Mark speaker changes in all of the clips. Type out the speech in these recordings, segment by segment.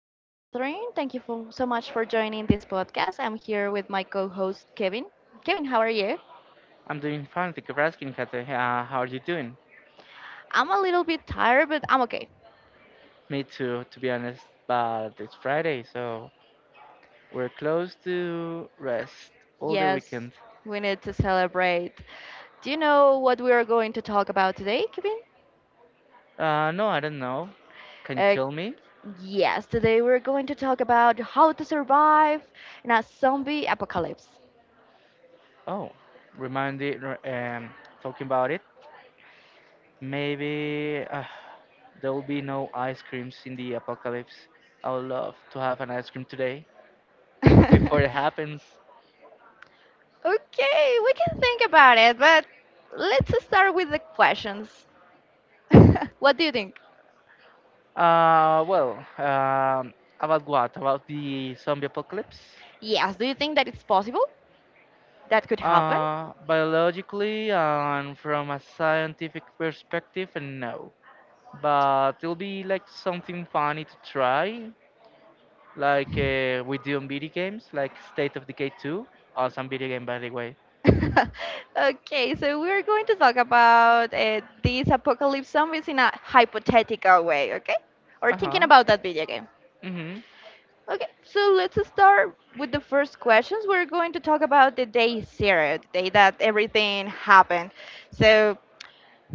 Speaker 1: is Catherine. Thank you so much for joining this podcast. I'm here with my co host, Kevin. Kevin, how are you?
Speaker 2: I'm doing fine. Thank you for asking, Kate. How are you doing?
Speaker 1: I'm a little bit tired, but I'm okay.
Speaker 2: Me too, to be honest. But it's Friday, so we're close to rest all the
Speaker 1: Yes,
Speaker 2: weekend.
Speaker 1: we need to celebrate. Do you know what we are going to talk about today, Kevin?
Speaker 2: No, I don't know. Can you
Speaker 1: Uh,
Speaker 2: tell me?
Speaker 1: yes, today we're going to talk about how to survive in a zombie apocalypse.
Speaker 2: Oh, remind it. Talking about it. Maybe there will be no ice creams in the apocalypse. I would love to have an ice cream today before it happens.
Speaker 1: Okay, we can think about it, but let's start with the questions. What do you think?
Speaker 2: Uh, well, um, about what? About the zombie apocalypse?
Speaker 1: Yes, do you think that it's possible that could happen?
Speaker 2: Biologically and from a scientific perspective, no. But it'll be like something funny to try, like we do on video games, like State of Decay 2. Awesome video game, by the way.
Speaker 1: Okay, so we're going to talk about these apocalypse zombies in a hypothetical way, okay? Or
Speaker 2: Uh
Speaker 1: thinking
Speaker 2: huh.
Speaker 1: about that video game.
Speaker 2: Mm-hmm.
Speaker 1: Okay, so let's start with the first questions. We're going to talk about the day zero, the day that everything happened. So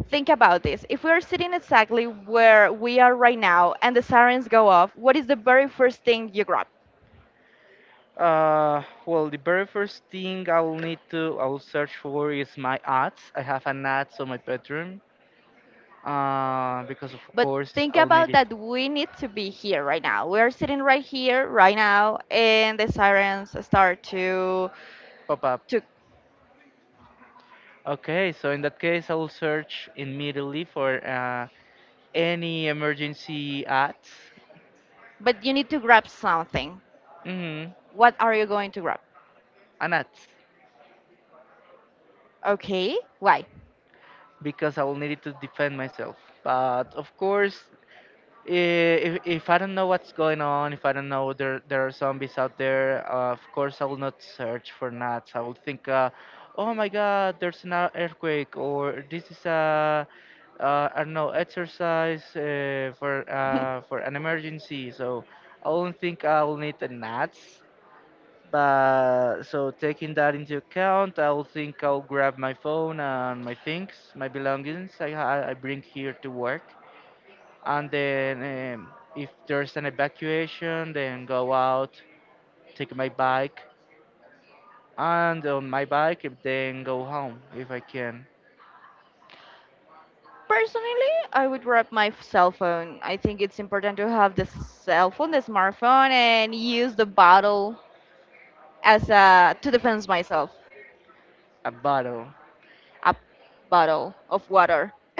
Speaker 1: think about this. If we are sitting exactly where we are right now and the sirens go off, what is the very first thing you grab?
Speaker 2: Well, the very first thing I'll need to I'll search for is my ads. I have an ads on my bedroom. Because of
Speaker 1: But
Speaker 2: course
Speaker 1: think
Speaker 2: I'll need
Speaker 1: about
Speaker 2: it.
Speaker 1: that we need to be here right now. We're sitting right here right now and the sirens start
Speaker 2: Pop up.
Speaker 1: to
Speaker 2: Okay, so in that case, I'll search immediately for any emergency ads.
Speaker 1: but you need to grab something.
Speaker 2: Mm-hmm,
Speaker 1: What are you going to grab?
Speaker 2: an ads,
Speaker 1: Okay, why?
Speaker 2: because I will need it to defend myself. But of course, if I don't know what's going on, if I don't know there are zombies out there, of course I will not search for nuts. I will think, oh my God, there's an earthquake, or this is a I don't know exercise for an emergency. So I don't think I will need the nuts. But so taking that into account, I will think I'll grab my phone and my things, my belongings I bring here to work and then um, if there's an evacuation, then go out, take my bike, and on my bike, then go home if I can.
Speaker 1: Personally, I would grab my cell phone. I think it's important to have the cell phone, the smartphone, and use the bottle as a to defend myself.
Speaker 2: A battle.
Speaker 1: A bottle of water.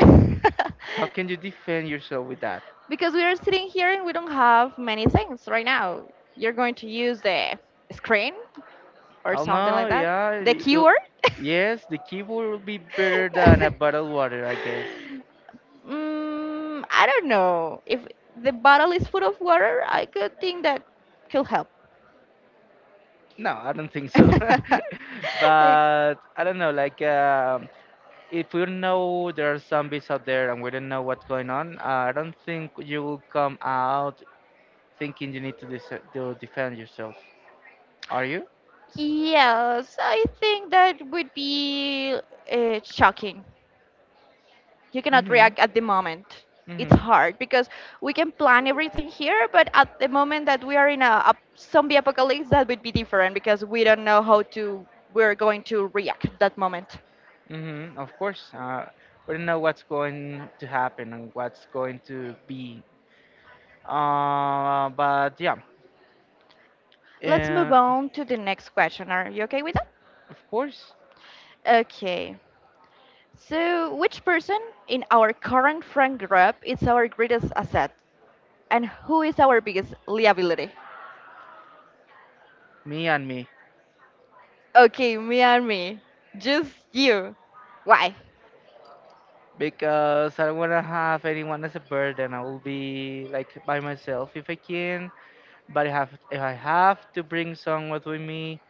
Speaker 2: How can you defend yourself with that?
Speaker 1: Because we are sitting here and we don't have many things right now. You're going to use the screen or
Speaker 2: I don't
Speaker 1: something
Speaker 2: know.
Speaker 1: like that.
Speaker 2: Yeah,
Speaker 1: The
Speaker 2: keyboard?
Speaker 1: keyword.
Speaker 2: Yes, the keyboard will be better than a bottled water, I guess.
Speaker 1: I don't know. If the bottle is full of water, I could think that could help.
Speaker 2: No, I don't think so.
Speaker 1: Like,
Speaker 2: but I don't know. If we know there are zombies out there and we don't know what's going on, I don't think you will come out thinking you need to, to defend yourself. Are you?
Speaker 1: Yes, I think that would be shocking. You cannot react at the moment. It's hard because we can plan everything here, but at the moment that we are in a zombie apocalypse, that would be different because we don't know how to we're going to react at that moment.
Speaker 2: Mm-hmm, of course. We don't know what's going to happen and what's going to be. Uh, but yeah,
Speaker 1: Let's move
Speaker 2: uh,
Speaker 1: on to the next question. Are you okay with that?
Speaker 2: of course,
Speaker 1: Okay. So, which person in our current friend group is our greatest asset, and who is our biggest liability?
Speaker 2: me and me.
Speaker 1: Okay, me and me. Just you. Why?
Speaker 2: Because I don't want to have anyone as a burden. I will be like by myself if I can. But I have, if I have to bring someone with me,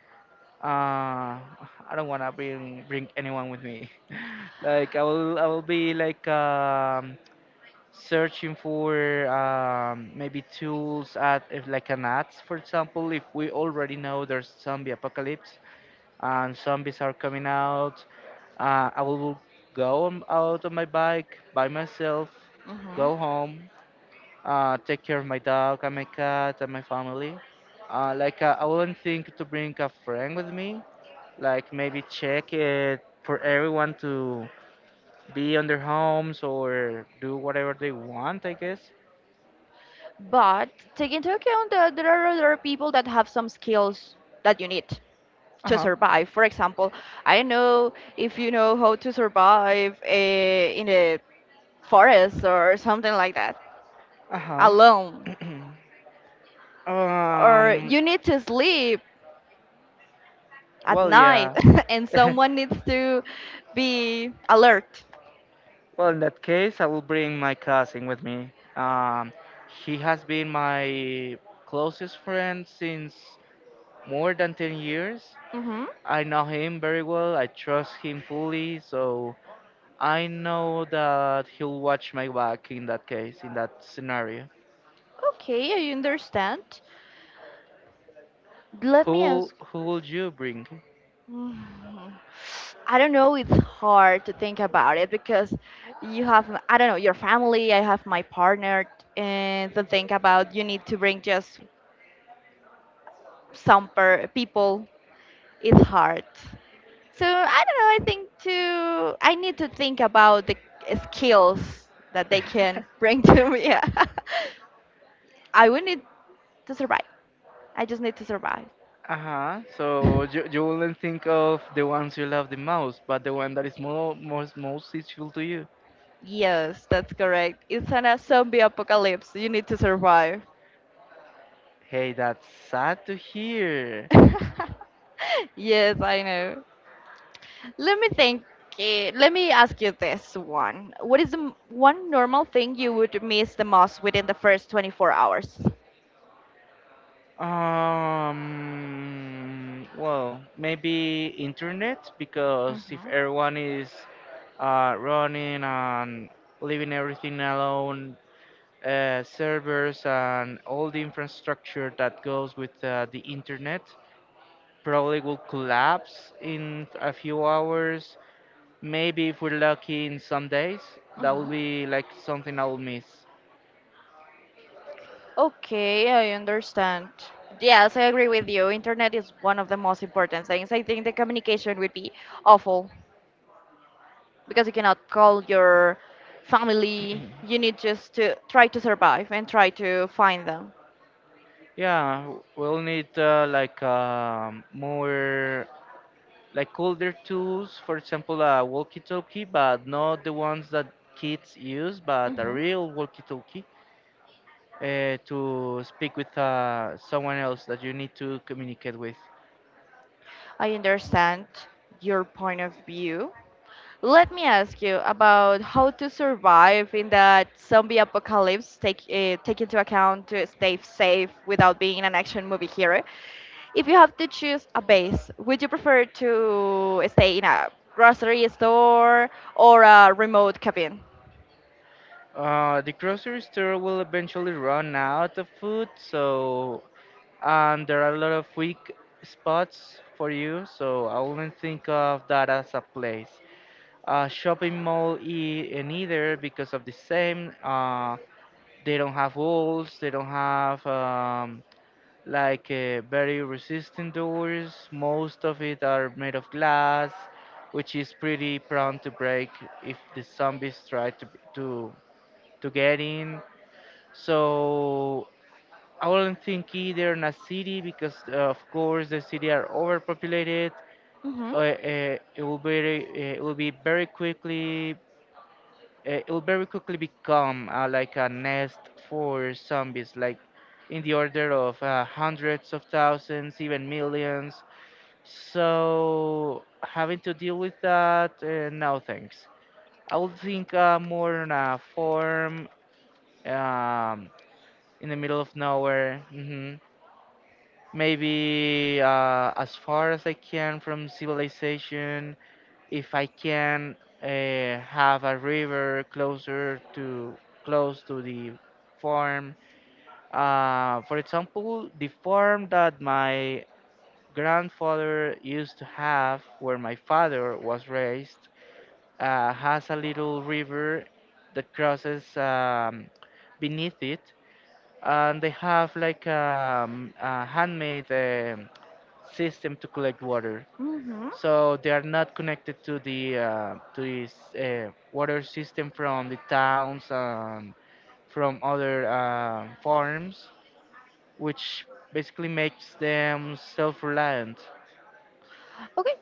Speaker 2: uh I don't want to bring anyone with me. Like, I will be like, searching for, maybe tools at, if like an ads, for example, if we already know there's zombie apocalypse and zombies are coming out, I will go on, out on my bike by myself,
Speaker 1: Hmm.
Speaker 2: go home, take care of my dog and my cat and my family. I wouldn't think to bring a friend with me, like maybe check it for everyone to be on their homes or do whatever they want, I guess.
Speaker 1: But take into account that there are other people that have some skills that you need
Speaker 2: Uh
Speaker 1: to
Speaker 2: huh.
Speaker 1: survive. For example, I don't know if you know how to survive in a forest or something like that
Speaker 2: Uh huh.
Speaker 1: alone. Or
Speaker 2: um.
Speaker 1: you need to sleep at
Speaker 2: Well,
Speaker 1: night
Speaker 2: yeah.
Speaker 1: and someone needs to be alert.
Speaker 2: well, in that case, I will bring my cousin with me. Um, he has been my closest friend since more than 10 years.
Speaker 1: Hmm.
Speaker 2: I know him very well. I trust him fully, so I know that he'll watch my back in that case, in that scenario.
Speaker 1: Okay, I understand. Let me
Speaker 2: Who
Speaker 1: ask.
Speaker 2: who will you bring?
Speaker 1: I don't know, it's hard to think about it because you have, I don't know, your family, I have my partner, and to think about you need to bring just some per people, it's hard. So I don't know, I need to think about the skills that they can bring to me. I would need to survive. I just need to survive.
Speaker 2: Uh-huh. So you wouldn't think of the ones you love the most, but the one that is more most most useful to you.
Speaker 1: Yes, that's correct. It's a zombie apocalypse. You need to survive.
Speaker 2: Hey, that's sad to hear.
Speaker 1: Yes, I know. Let me think. Let me ask you this one. What is the one normal thing you would miss the most within the first 24 hours?
Speaker 2: Well, maybe internet because if
Speaker 1: Hmm.
Speaker 2: everyone is running and leaving everything alone, servers and all the infrastructure that goes with the internet probably will collapse in a few hours. Maybe if we're lucky in some days, that will
Speaker 1: Hmm.
Speaker 2: be like something I will miss.
Speaker 1: Okay, I understand. Yes, I agree with you. Internet is one of the most important things. I think the communication would be awful because you cannot call your family. You need just to try to survive and try to find them.
Speaker 2: Yeah, we'll need more like older tools, for example, a walkie-talkie, but not the ones that kids use, but a
Speaker 1: Mhm.
Speaker 2: real walkie-talkie to speak with someone else that you need to communicate with.
Speaker 1: I understand your point of view. Let me ask you about how to survive in that zombie apocalypse. Take into account to stay safe without being an action movie hero. If you have to choose a base, would you prefer to stay in a grocery store or a remote cabin?
Speaker 2: The grocery store will eventually run out of food, so and there are a lot of weak spots for you, so I wouldn't think of that as a place. A shopping mall, and either because of the same. They don't have walls. They don't have very resistant doors. Most of it are made of glass, which is pretty prone to break if the zombies try to get in. So I wouldn't think either in a city because of course the city are overpopulated.
Speaker 1: Hmm.
Speaker 2: It will be very quickly, it will very quickly become like a nest for zombies, like in the order of hundreds of thousands, even millions. So having to deal with that, no thanks. I would think more on a farm, um, in the middle of nowhere. Hmm Maybe as far as I can from civilization, if I can have a river closer to close to the farm. For example, the farm that my grandfather used to have, where my father was raised, has a little river that crosses beneath it, and they have a handmade system to collect water,
Speaker 1: Hmm.
Speaker 2: so they are not connected to the to this water system from the towns and from other farms, which basically makes them self-reliant.
Speaker 1: Okay.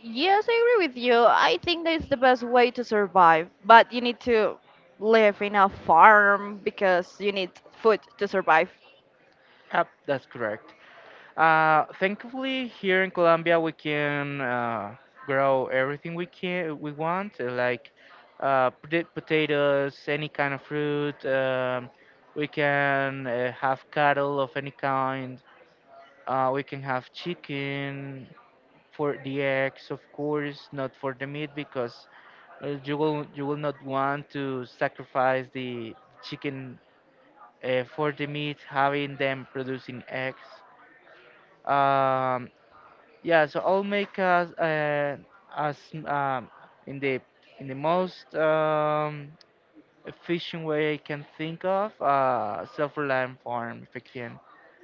Speaker 1: Yes, I agree with you. I think that's the best way to survive, but you need to live in a farm because you need food to survive.
Speaker 2: Yep, that's correct. Thankfully, here in Colombia, we can grow everything we want, potatoes, any kind of fruit. We can have cattle of any kind. We can have chicken for the eggs, of course, not for the meat because you will not want to sacrifice the chicken for the meat, having them producing eggs. Um, yeah, so I'll make us as um, in the most efficient way I can think of, self-reliant farm if I can.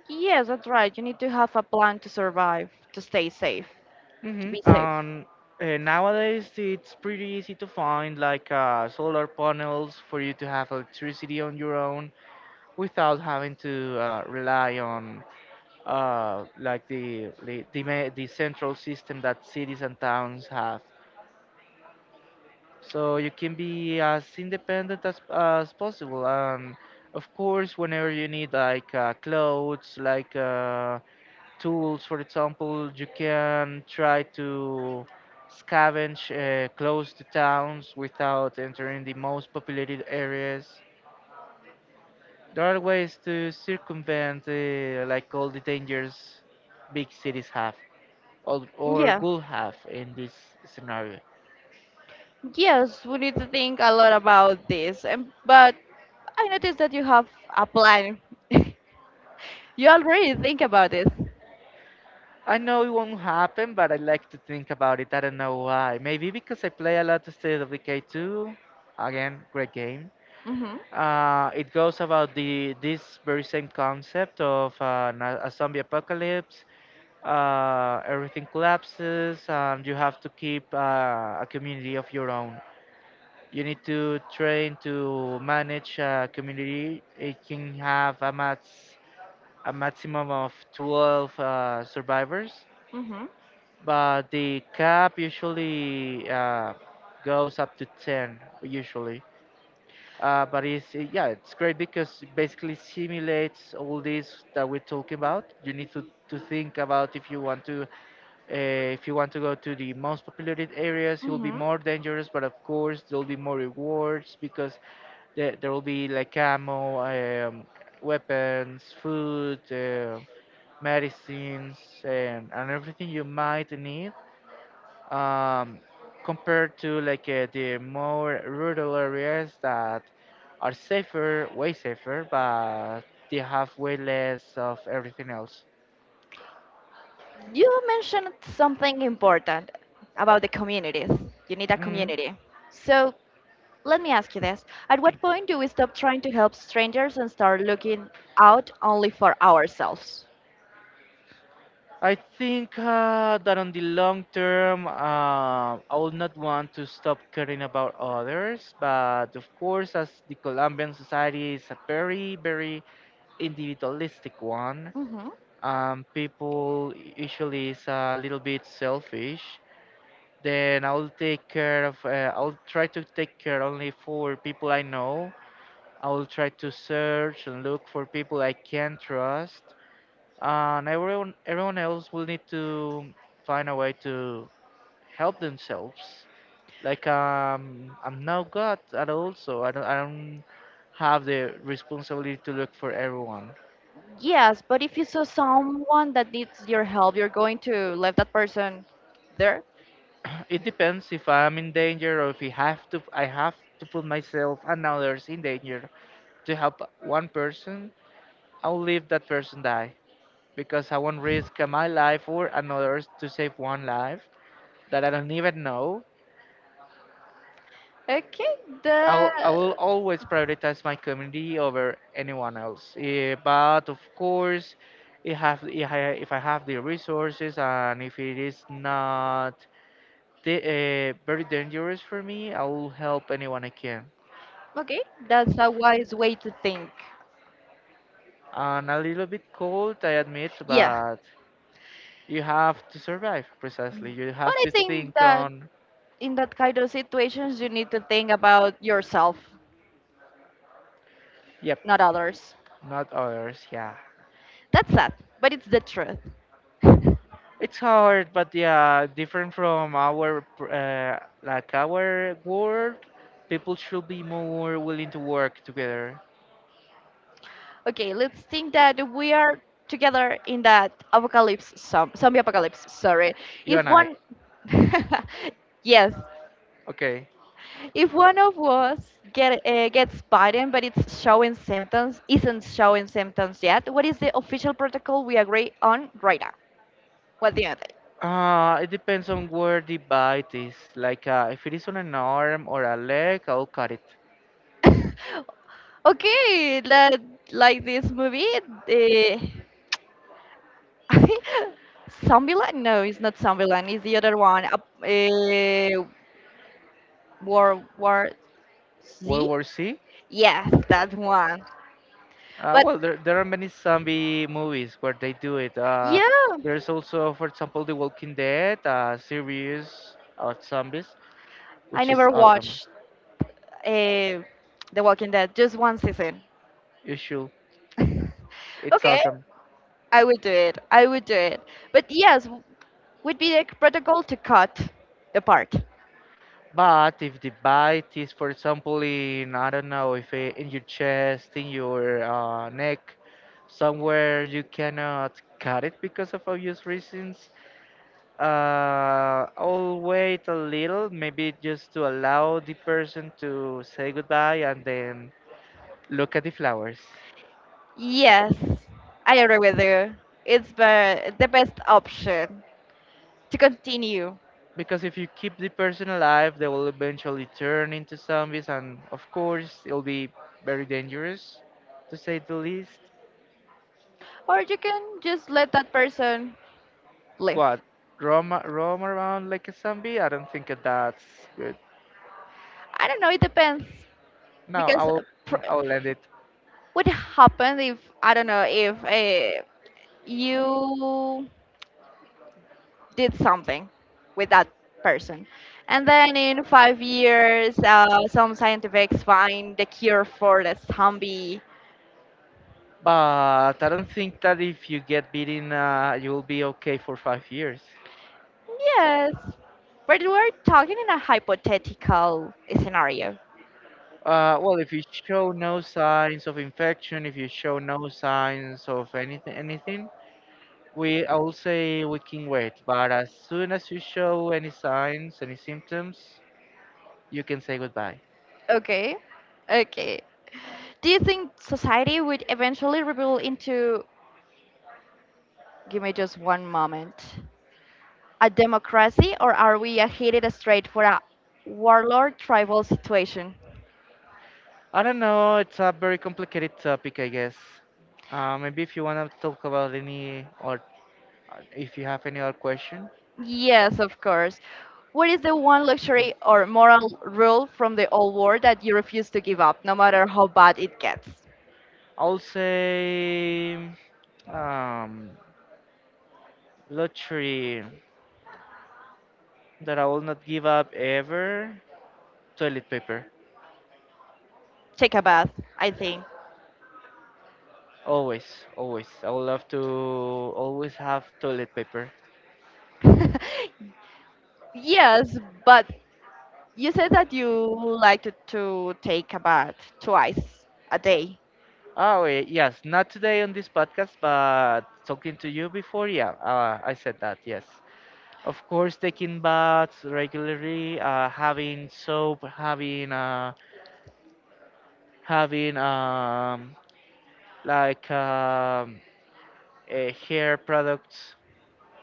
Speaker 1: Yes, that's right. You need to have a plan to survive, to stay safe, to be
Speaker 2: Mm-hmm.
Speaker 1: safe.
Speaker 2: Nowadays, it's pretty easy to find solar panels for you to have electricity on your own without having to rely on the, the central system that cities and towns have. So you can be as independent as possible. And of course, whenever you need clothes, tools. For example, you can try to scavenge close to towns without entering the most populated areas. There are ways to circumvent all the dangers big cities have or
Speaker 1: Yeah.
Speaker 2: will have in this scenario.
Speaker 1: Yes, we need to think a lot about this. And but I noticed that you have a plan. You already think about this.
Speaker 2: I know it won't happen, but I like to think about it. I don't know why. Maybe because I play a lot of State of Decay 2. Again, great game.
Speaker 1: Mhm.
Speaker 2: It goes about the this very same concept of a zombie apocalypse. Everything collapses, and you have to keep a community of your own. You need to train to manage a community. It can have a maximum of 12 survivors,
Speaker 1: Mhm.
Speaker 2: but the cap usually goes up to 10 usually. But it's Yeah, it's great because it basically simulates all this that we are talking about. To think about if you want to if you want to go to the most populated areas, it will be
Speaker 1: Mhm.
Speaker 2: more dangerous, but of course there will be more rewards because there will be like ammo, um, weapons, food, medicines, and everything you might need, um, compared to the more rural areas that are safer, way safer, but they have way less of everything else.
Speaker 1: You mentioned something important about the communities. You need a
Speaker 2: Mhm.
Speaker 1: community. So let me ask you this. At what point do we stop trying to help strangers and start looking out only for ourselves?
Speaker 2: I think that on the long term, I will not want to stop caring about others, but of course, as the Colombian society is a very, very individualistic one,
Speaker 1: Hmm.
Speaker 2: people usually is a little bit selfish. Then I'll take care of, I'll try to take care only for people I know. I will try to search and look for people I can trust. And everyone, everyone else will need to find a way to help themselves. I'm no God at all, so I don't have the responsibility to look for everyone.
Speaker 1: Yes, but if you saw someone that needs your help, you're going to leave that person there?
Speaker 2: it depends if I'm in danger or if I have to put myself and others in danger to help one person. I'll leave that person die because I won't risk my life or another's to save one life that I don't even know.
Speaker 1: Okay, the
Speaker 2: I will always prioritize my community over anyone else. Eh, but of course, if I have the resources and if it is not very dangerous for me, I will help anyone I can.
Speaker 1: okay, that's a wise way to think.
Speaker 2: And a little bit cold, I admit,
Speaker 1: Yeah.
Speaker 2: but you have to survive precisely. You
Speaker 1: But
Speaker 2: have
Speaker 1: I
Speaker 2: to
Speaker 1: think
Speaker 2: think
Speaker 1: that
Speaker 2: on.
Speaker 1: in that kind of situations you need to think about yourself
Speaker 2: Yep.
Speaker 1: not others.
Speaker 2: Not ours, yeah.
Speaker 1: That's sad, but it's the truth.
Speaker 2: It's hard, but yeah, different from our like our world. People should be more willing to work together.
Speaker 1: Okay, let's think that we are together in that apocalypse, zombie apocalypse, sorry.
Speaker 2: You
Speaker 1: If
Speaker 2: and I,
Speaker 1: one, yes,
Speaker 2: okay.
Speaker 1: if one of us gets bitten, but isn't showing symptoms yet, what is the official protocol we agree on right now? What do you
Speaker 2: It depends on where the bite is. If it is on an arm or a leg, I'll cut it.
Speaker 1: think? Okay, that, like this movie, uh, I think Zombieland? No, it's not Zombieland. It's the other one. Eh, World War
Speaker 2: World
Speaker 1: Z?
Speaker 2: War C.
Speaker 1: Yes, that one. But
Speaker 2: Well, there are many zombie movies where they do it.
Speaker 1: yeah,
Speaker 2: There's also, for example, The Walking Dead series of zombies,
Speaker 1: I
Speaker 2: which is
Speaker 1: never
Speaker 2: awesome.
Speaker 1: watched uh, The Walking Dead, just one season.
Speaker 2: You should. It's
Speaker 1: Okay,
Speaker 2: awesome.
Speaker 1: I would do it. I would do it. But yes, would be the protocol to cut the part.
Speaker 2: But if the bite is, for example, in, I don't know, if I- in your chest, in your neck, somewhere you cannot cut it because of obvious reasons, I'll wait a little, maybe just to allow the person to say goodbye and then look at the flowers.
Speaker 1: Yes, I agree with you. It's the best option to continue.
Speaker 2: Because if you keep the person alive, they will eventually turn into zombies, and of course, it'll be very dangerous, to say the least.
Speaker 1: Or you can just let that person live.
Speaker 2: What? Roam around like a zombie? I don't think that that's good.
Speaker 1: I don't know. It depends
Speaker 2: No, I
Speaker 1: because
Speaker 2: No. I will end it.
Speaker 1: what happened if I don't know if you did something with that person, and then in 5 years, some scientists find the cure for the zombie.
Speaker 2: But I don't think that if you get beaten, you will be okay for 5 years.
Speaker 1: Yes, but we're talking in a hypothetical scenario.
Speaker 2: Well, if you show no signs of infection, if you show no signs of anything, we I will say we can wait. But as soon as you show any signs, any symptoms, you can say goodbye.
Speaker 1: Okay, okay. Do you think society would eventually reveal into Give me just one moment. A democracy, or are we a heated straight for a warlord tribal situation?
Speaker 2: I don't know. It's a very complicated topic, I guess. Maybe if you want to talk about any or if you have any other question,
Speaker 1: Yes, of course. What is the one luxury or moral rule from the old world that you refuse to give up, no matter how bad it gets?
Speaker 2: I'll say um, lottery that I will not give up ever. Toilet paper,
Speaker 1: Take a bath, I think.
Speaker 2: always, always. I will love to always have toilet paper.
Speaker 1: Yes, but you said that you like to take a bath twice a day.
Speaker 2: Oh wait, yes, not today on this podcast, but talking to you before. Yeah, I said that. Yes. Of course, taking baths regularly, having soap, having like um, hair products,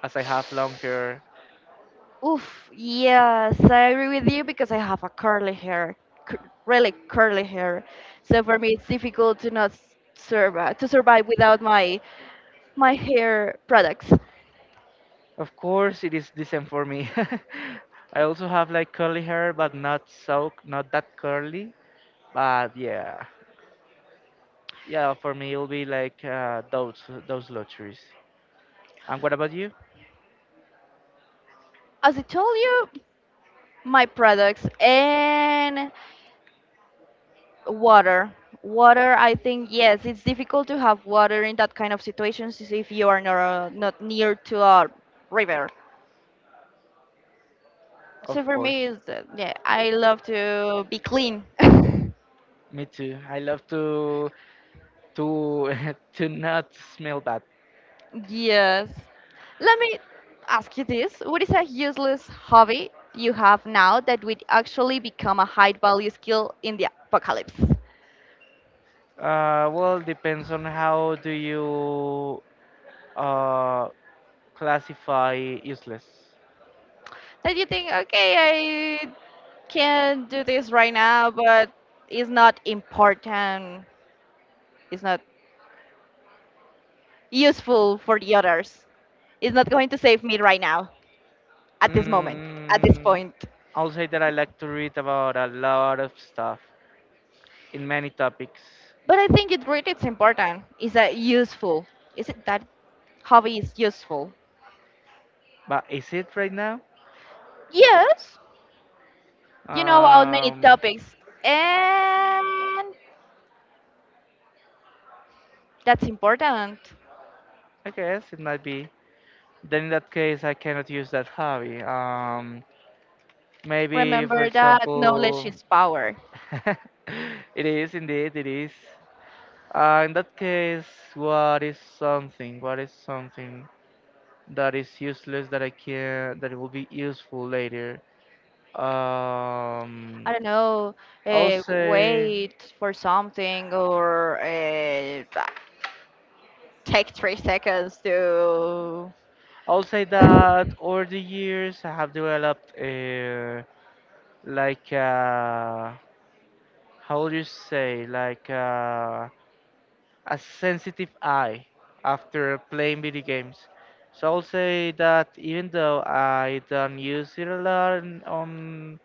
Speaker 2: as I have long hair.
Speaker 1: Oof, yes, I agree with you because I have a curly hair, cur really curly hair. So for me, it's difficult to not survive to survive without my hair products.
Speaker 2: Of course, it is decent for me. I also have like curly hair, but not that curly. But yeah, yeah, for me it'll be like those luxuries. And what about you?
Speaker 1: As I told you, my products and water. Water, I think yes, it's difficult to have water in that kind of situations if you are not near to a river.
Speaker 2: Of
Speaker 1: So for me,
Speaker 2: course,
Speaker 1: it's, yeah, I love to be clean.
Speaker 2: me too. I love to to not smell bad.
Speaker 1: Yes. Let me ask you this. What is a useless hobby you have now that would actually become a high value skill in the apocalypse?
Speaker 2: Well, depends on how do you uh, classify useless.
Speaker 1: That you think, okay, I can do this right now, but it's not important, it's not useful for the others, it's not going to save me right now, at this moment, at this
Speaker 2: Mm,
Speaker 1: point.
Speaker 2: I'll say that I like to read about a lot of stuff in many topics.
Speaker 1: But I think it really is important. Is that useful? Is it that hobby is useful?
Speaker 2: But is it right now?
Speaker 1: Yes, you know about many
Speaker 2: Um,
Speaker 1: topics, and that's important.
Speaker 2: I guess it might be. Then in that case, I cannot use that hobby. Maybe, for
Speaker 1: Remember that knowledge
Speaker 2: example,
Speaker 1: is power.
Speaker 2: it is indeed, it is. In that case, what is something? What is something that is useless that I can that it will be useful later.
Speaker 1: I
Speaker 2: Um,
Speaker 1: don't know,
Speaker 2: I'll
Speaker 1: uh,
Speaker 2: say
Speaker 1: wait for something or take 3 seconds to.
Speaker 2: I'll say that over the years I have developed a like a, how would you say like a sensitive eye after playing video games. So I'll say that even though I don't use it a lot on on,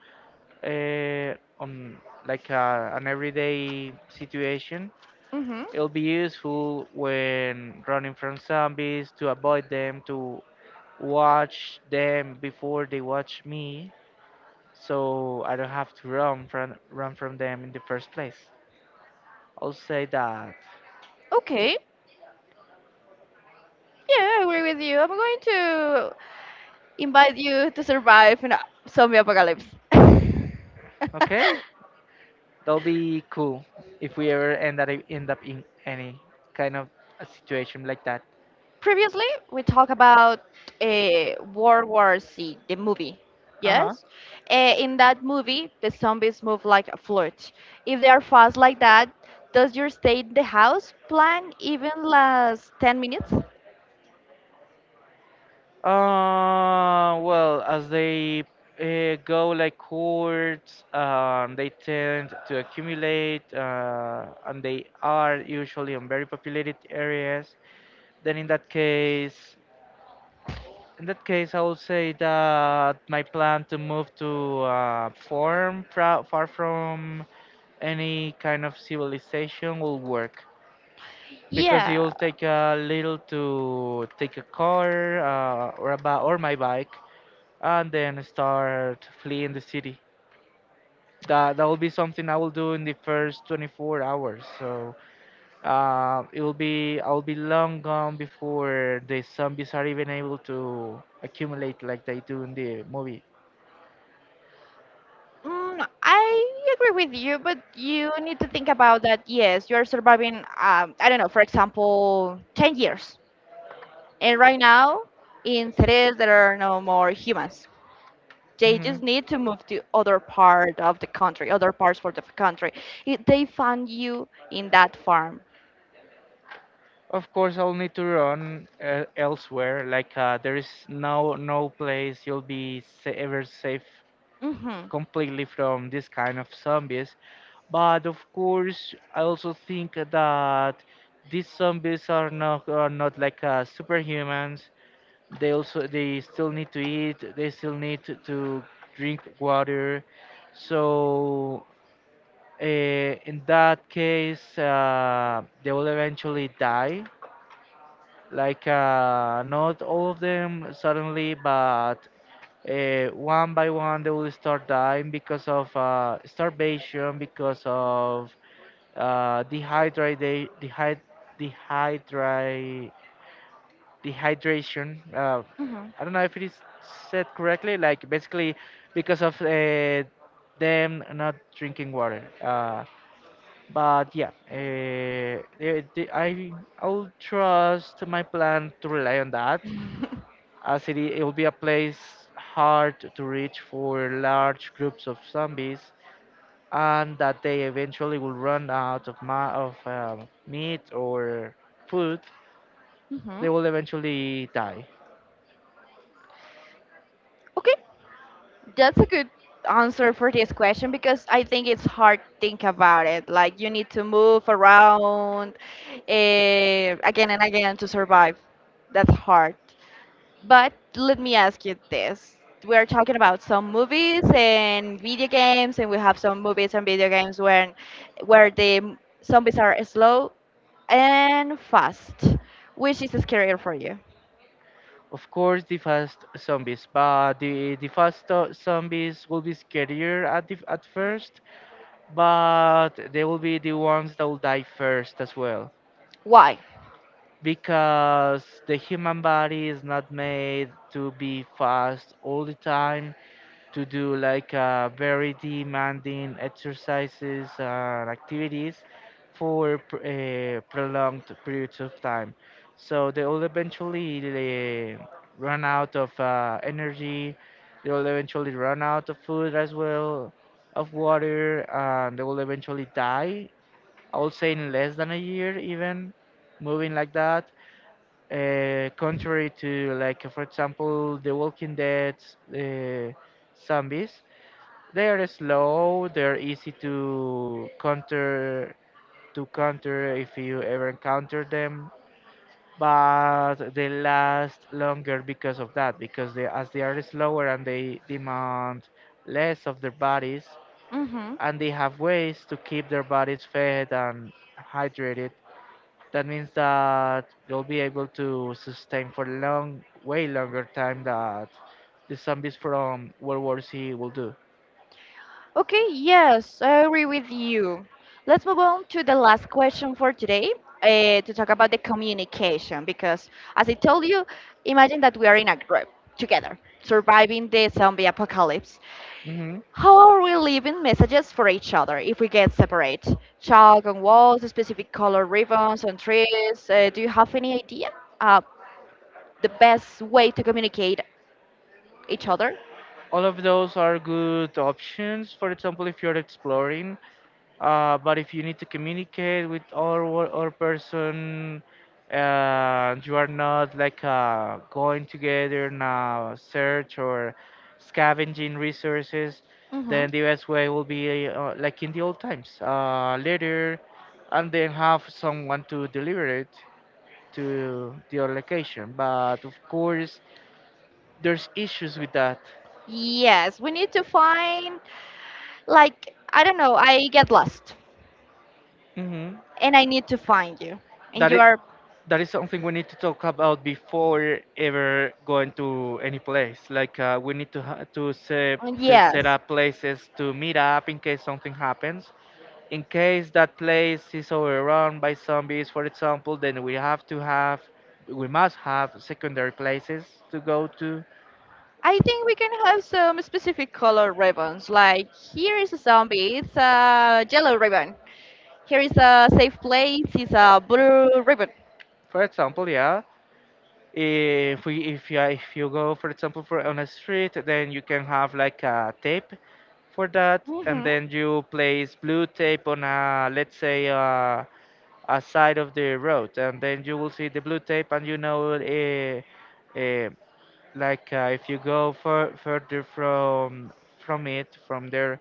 Speaker 2: uh, on an everyday situation,
Speaker 1: Hmm.
Speaker 2: it'll be useful when running from zombies to avoid them, to watch them before they watch me, so I don't have to run from them in the first place. I'll say that.
Speaker 1: Okay, yeah, I agree with you. I'm going to invite you to survive in a zombie apocalypse.
Speaker 2: Okay, that'll be cool if we ever end up in any kind of a situation like that.
Speaker 1: Previously, we talked about uh, World War Z, the movie.
Speaker 2: Uh huh.
Speaker 1: Yes? In that movie, the zombies move like a flirt. If they are fast like that, does your stay in the house plan even last 10 minutes?
Speaker 2: Well, as they go like cords, they tend to accumulate, and they are usually on very populated areas. Then, in that case, I will say that my plan to move to a farm far from any kind of civilization will work because it
Speaker 1: Yeah,
Speaker 2: will take a little to take a car or a or my bike and then start fleeing the city. That will be something I will do in the first 24 hours. So it will be I'll be long gone before the zombies are even able to accumulate like they do in the movie.
Speaker 1: mm, I agree with you, but you need to think about that. Yes, you are surviving, I don't know, for example, 10 years. And right now, in cities, there are no more humans. They
Speaker 2: Hmm.
Speaker 1: just need to move to other part of the country, other parts for the country. It, they find you in that farm.
Speaker 2: Of course, I'll need to run elsewhere. Like there is no place you'll be ever safe
Speaker 1: Mhm.
Speaker 2: completely from this kind of zombies. But of course, I also think that these zombies are not like superhumans. They still need to eat. They still need to drink water. So uh, in that case, they will eventually die. Like not all of them suddenly, but one by one they will start dying because of starvation, because of uh, dehydrate, dehyd, dehydrate, dehydration.
Speaker 1: Mhm.
Speaker 2: I don't know if it is said correctly. Like basically, because of them not drinking water. But yeah, they, I I'll trust my plan to rely on that, as it will be a place hard to reach for large groups of zombies and that they eventually will run out of meat or food,
Speaker 1: Mhm.
Speaker 2: they will eventually die.
Speaker 1: Okay, that's a good answer for this question because I think it's hard to think about it. Like you need to move around uh, again and again to survive. That's hard. But let me ask you this. We are talking about some movies and video games, and we have some movies and video games when where the zombies are slow and fast. Which is scarier for you?
Speaker 2: Of course, the fast zombies, but the zombies will be scarier at first, but they will be the ones that will die first as well,
Speaker 1: Why?
Speaker 2: because the human body is not made to be fast all the time, to do like very demanding exercises and activities for prolonged periods of time. So they will eventually uh, run out of energy. They will eventually run out of food as well, of water, and they will eventually die. I would say in less than a year, even moving like that. Contrary to like, for example, The Walking Dead uh, zombies, they are slow. They're easy to counter if you ever encounter them, but they last longer because of that. Because they, as they are slower and they demand less of their bodies,
Speaker 1: Mm-hmm.
Speaker 2: and they have ways to keep their bodies fed and hydrated. That means that they'll be able to sustain for long, way longer time that the zombies from World War Z will do.
Speaker 1: Okay, yes, I agree with you. Let's move on to the last question for today to talk about the communication. Because, as I told you, imagine that we are in a group together surviving the zombie apocalypse. How are we leaving messages for each other if we get separate? Chalk on walls, specific color ribbons on trees. Do you have any idea? Uh, the best way to communicate each other?
Speaker 2: All of those are good options, for example if you're exploring, but if you need to communicate with or person and you are not like going together in a search or scavenging resources,
Speaker 1: Hmm.
Speaker 2: then the best way will be like in the old times, letter, and then have someone to deliver it to your location, but of course there's issues with that.
Speaker 1: Yes, we need to find, like, I don't know, I get lost
Speaker 2: Hmm,
Speaker 1: and I need to find you. And
Speaker 2: that
Speaker 1: you
Speaker 2: it
Speaker 1: are,
Speaker 2: that is something we need to talk about before ever going to any place. Like we need to to set
Speaker 1: yes.
Speaker 2: up places to meet up in case something happens. In case that place is overrun by zombies, for example, then we must have secondary places to go to.
Speaker 1: I think we can have some specific color ribbons. Like here is a zombie, it's a yellow ribbon. Here is a safe place, it's a blue ribbon.
Speaker 2: For example, yeah. If we if you go for example for on a street, then you can have like a tape for that, and then you place blue tape on a let's say a side of the road, and then you will see the blue tape, and you know if you go further from it from there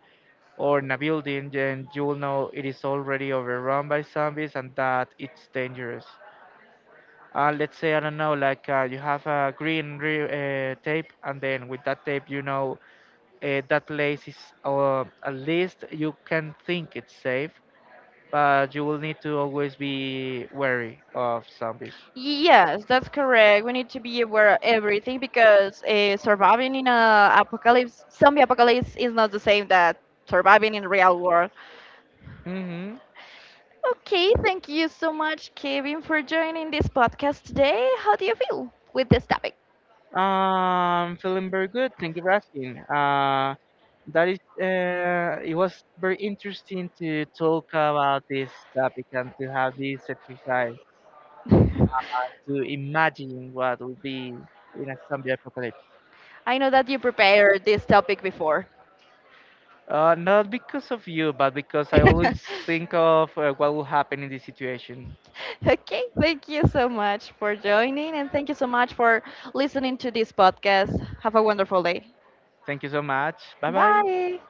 Speaker 2: or in a building, then you will know it is already overrun by zombies and that it's dangerous.
Speaker 1: I
Speaker 2: Let's say I don't
Speaker 1: don't
Speaker 2: know,
Speaker 1: know, like
Speaker 2: like you
Speaker 1: you have
Speaker 2: have
Speaker 1: a
Speaker 2: a
Speaker 1: green
Speaker 2: green
Speaker 1: grill
Speaker 2: tape,
Speaker 1: and
Speaker 2: and
Speaker 1: then
Speaker 2: then with
Speaker 1: that's
Speaker 2: that
Speaker 1: it,
Speaker 2: tape you
Speaker 1: you know,
Speaker 2: know
Speaker 1: that
Speaker 2: that
Speaker 1: place
Speaker 2: place is,
Speaker 1: called
Speaker 2: at least you can think it's
Speaker 1: say.
Speaker 2: safe, but you will need to always be wary of zombies.
Speaker 1: Yes, that's correct. We need to be aware of everything because surviving in a apocalypse, zombie apocalypse, is not the same that surviving in real world.
Speaker 2: Mhm.
Speaker 1: Okay, thank you so much, Kevin, for joining this podcast today. How do you feel with this topic?
Speaker 2: Feeling very good. Thank you for asking. It was very interesting to talk about this topic and to have this exercise to imagine what would be in a zombie apocalypse.
Speaker 1: I know that you prepared this topic before.
Speaker 2: Not because of you, but because I always think of what will happen in this situation.
Speaker 1: Okay, thank you so much for joining and thank you so much for listening to this podcast. Have a wonderful day.
Speaker 2: Thank you so much. Bye bye.
Speaker 1: Bye.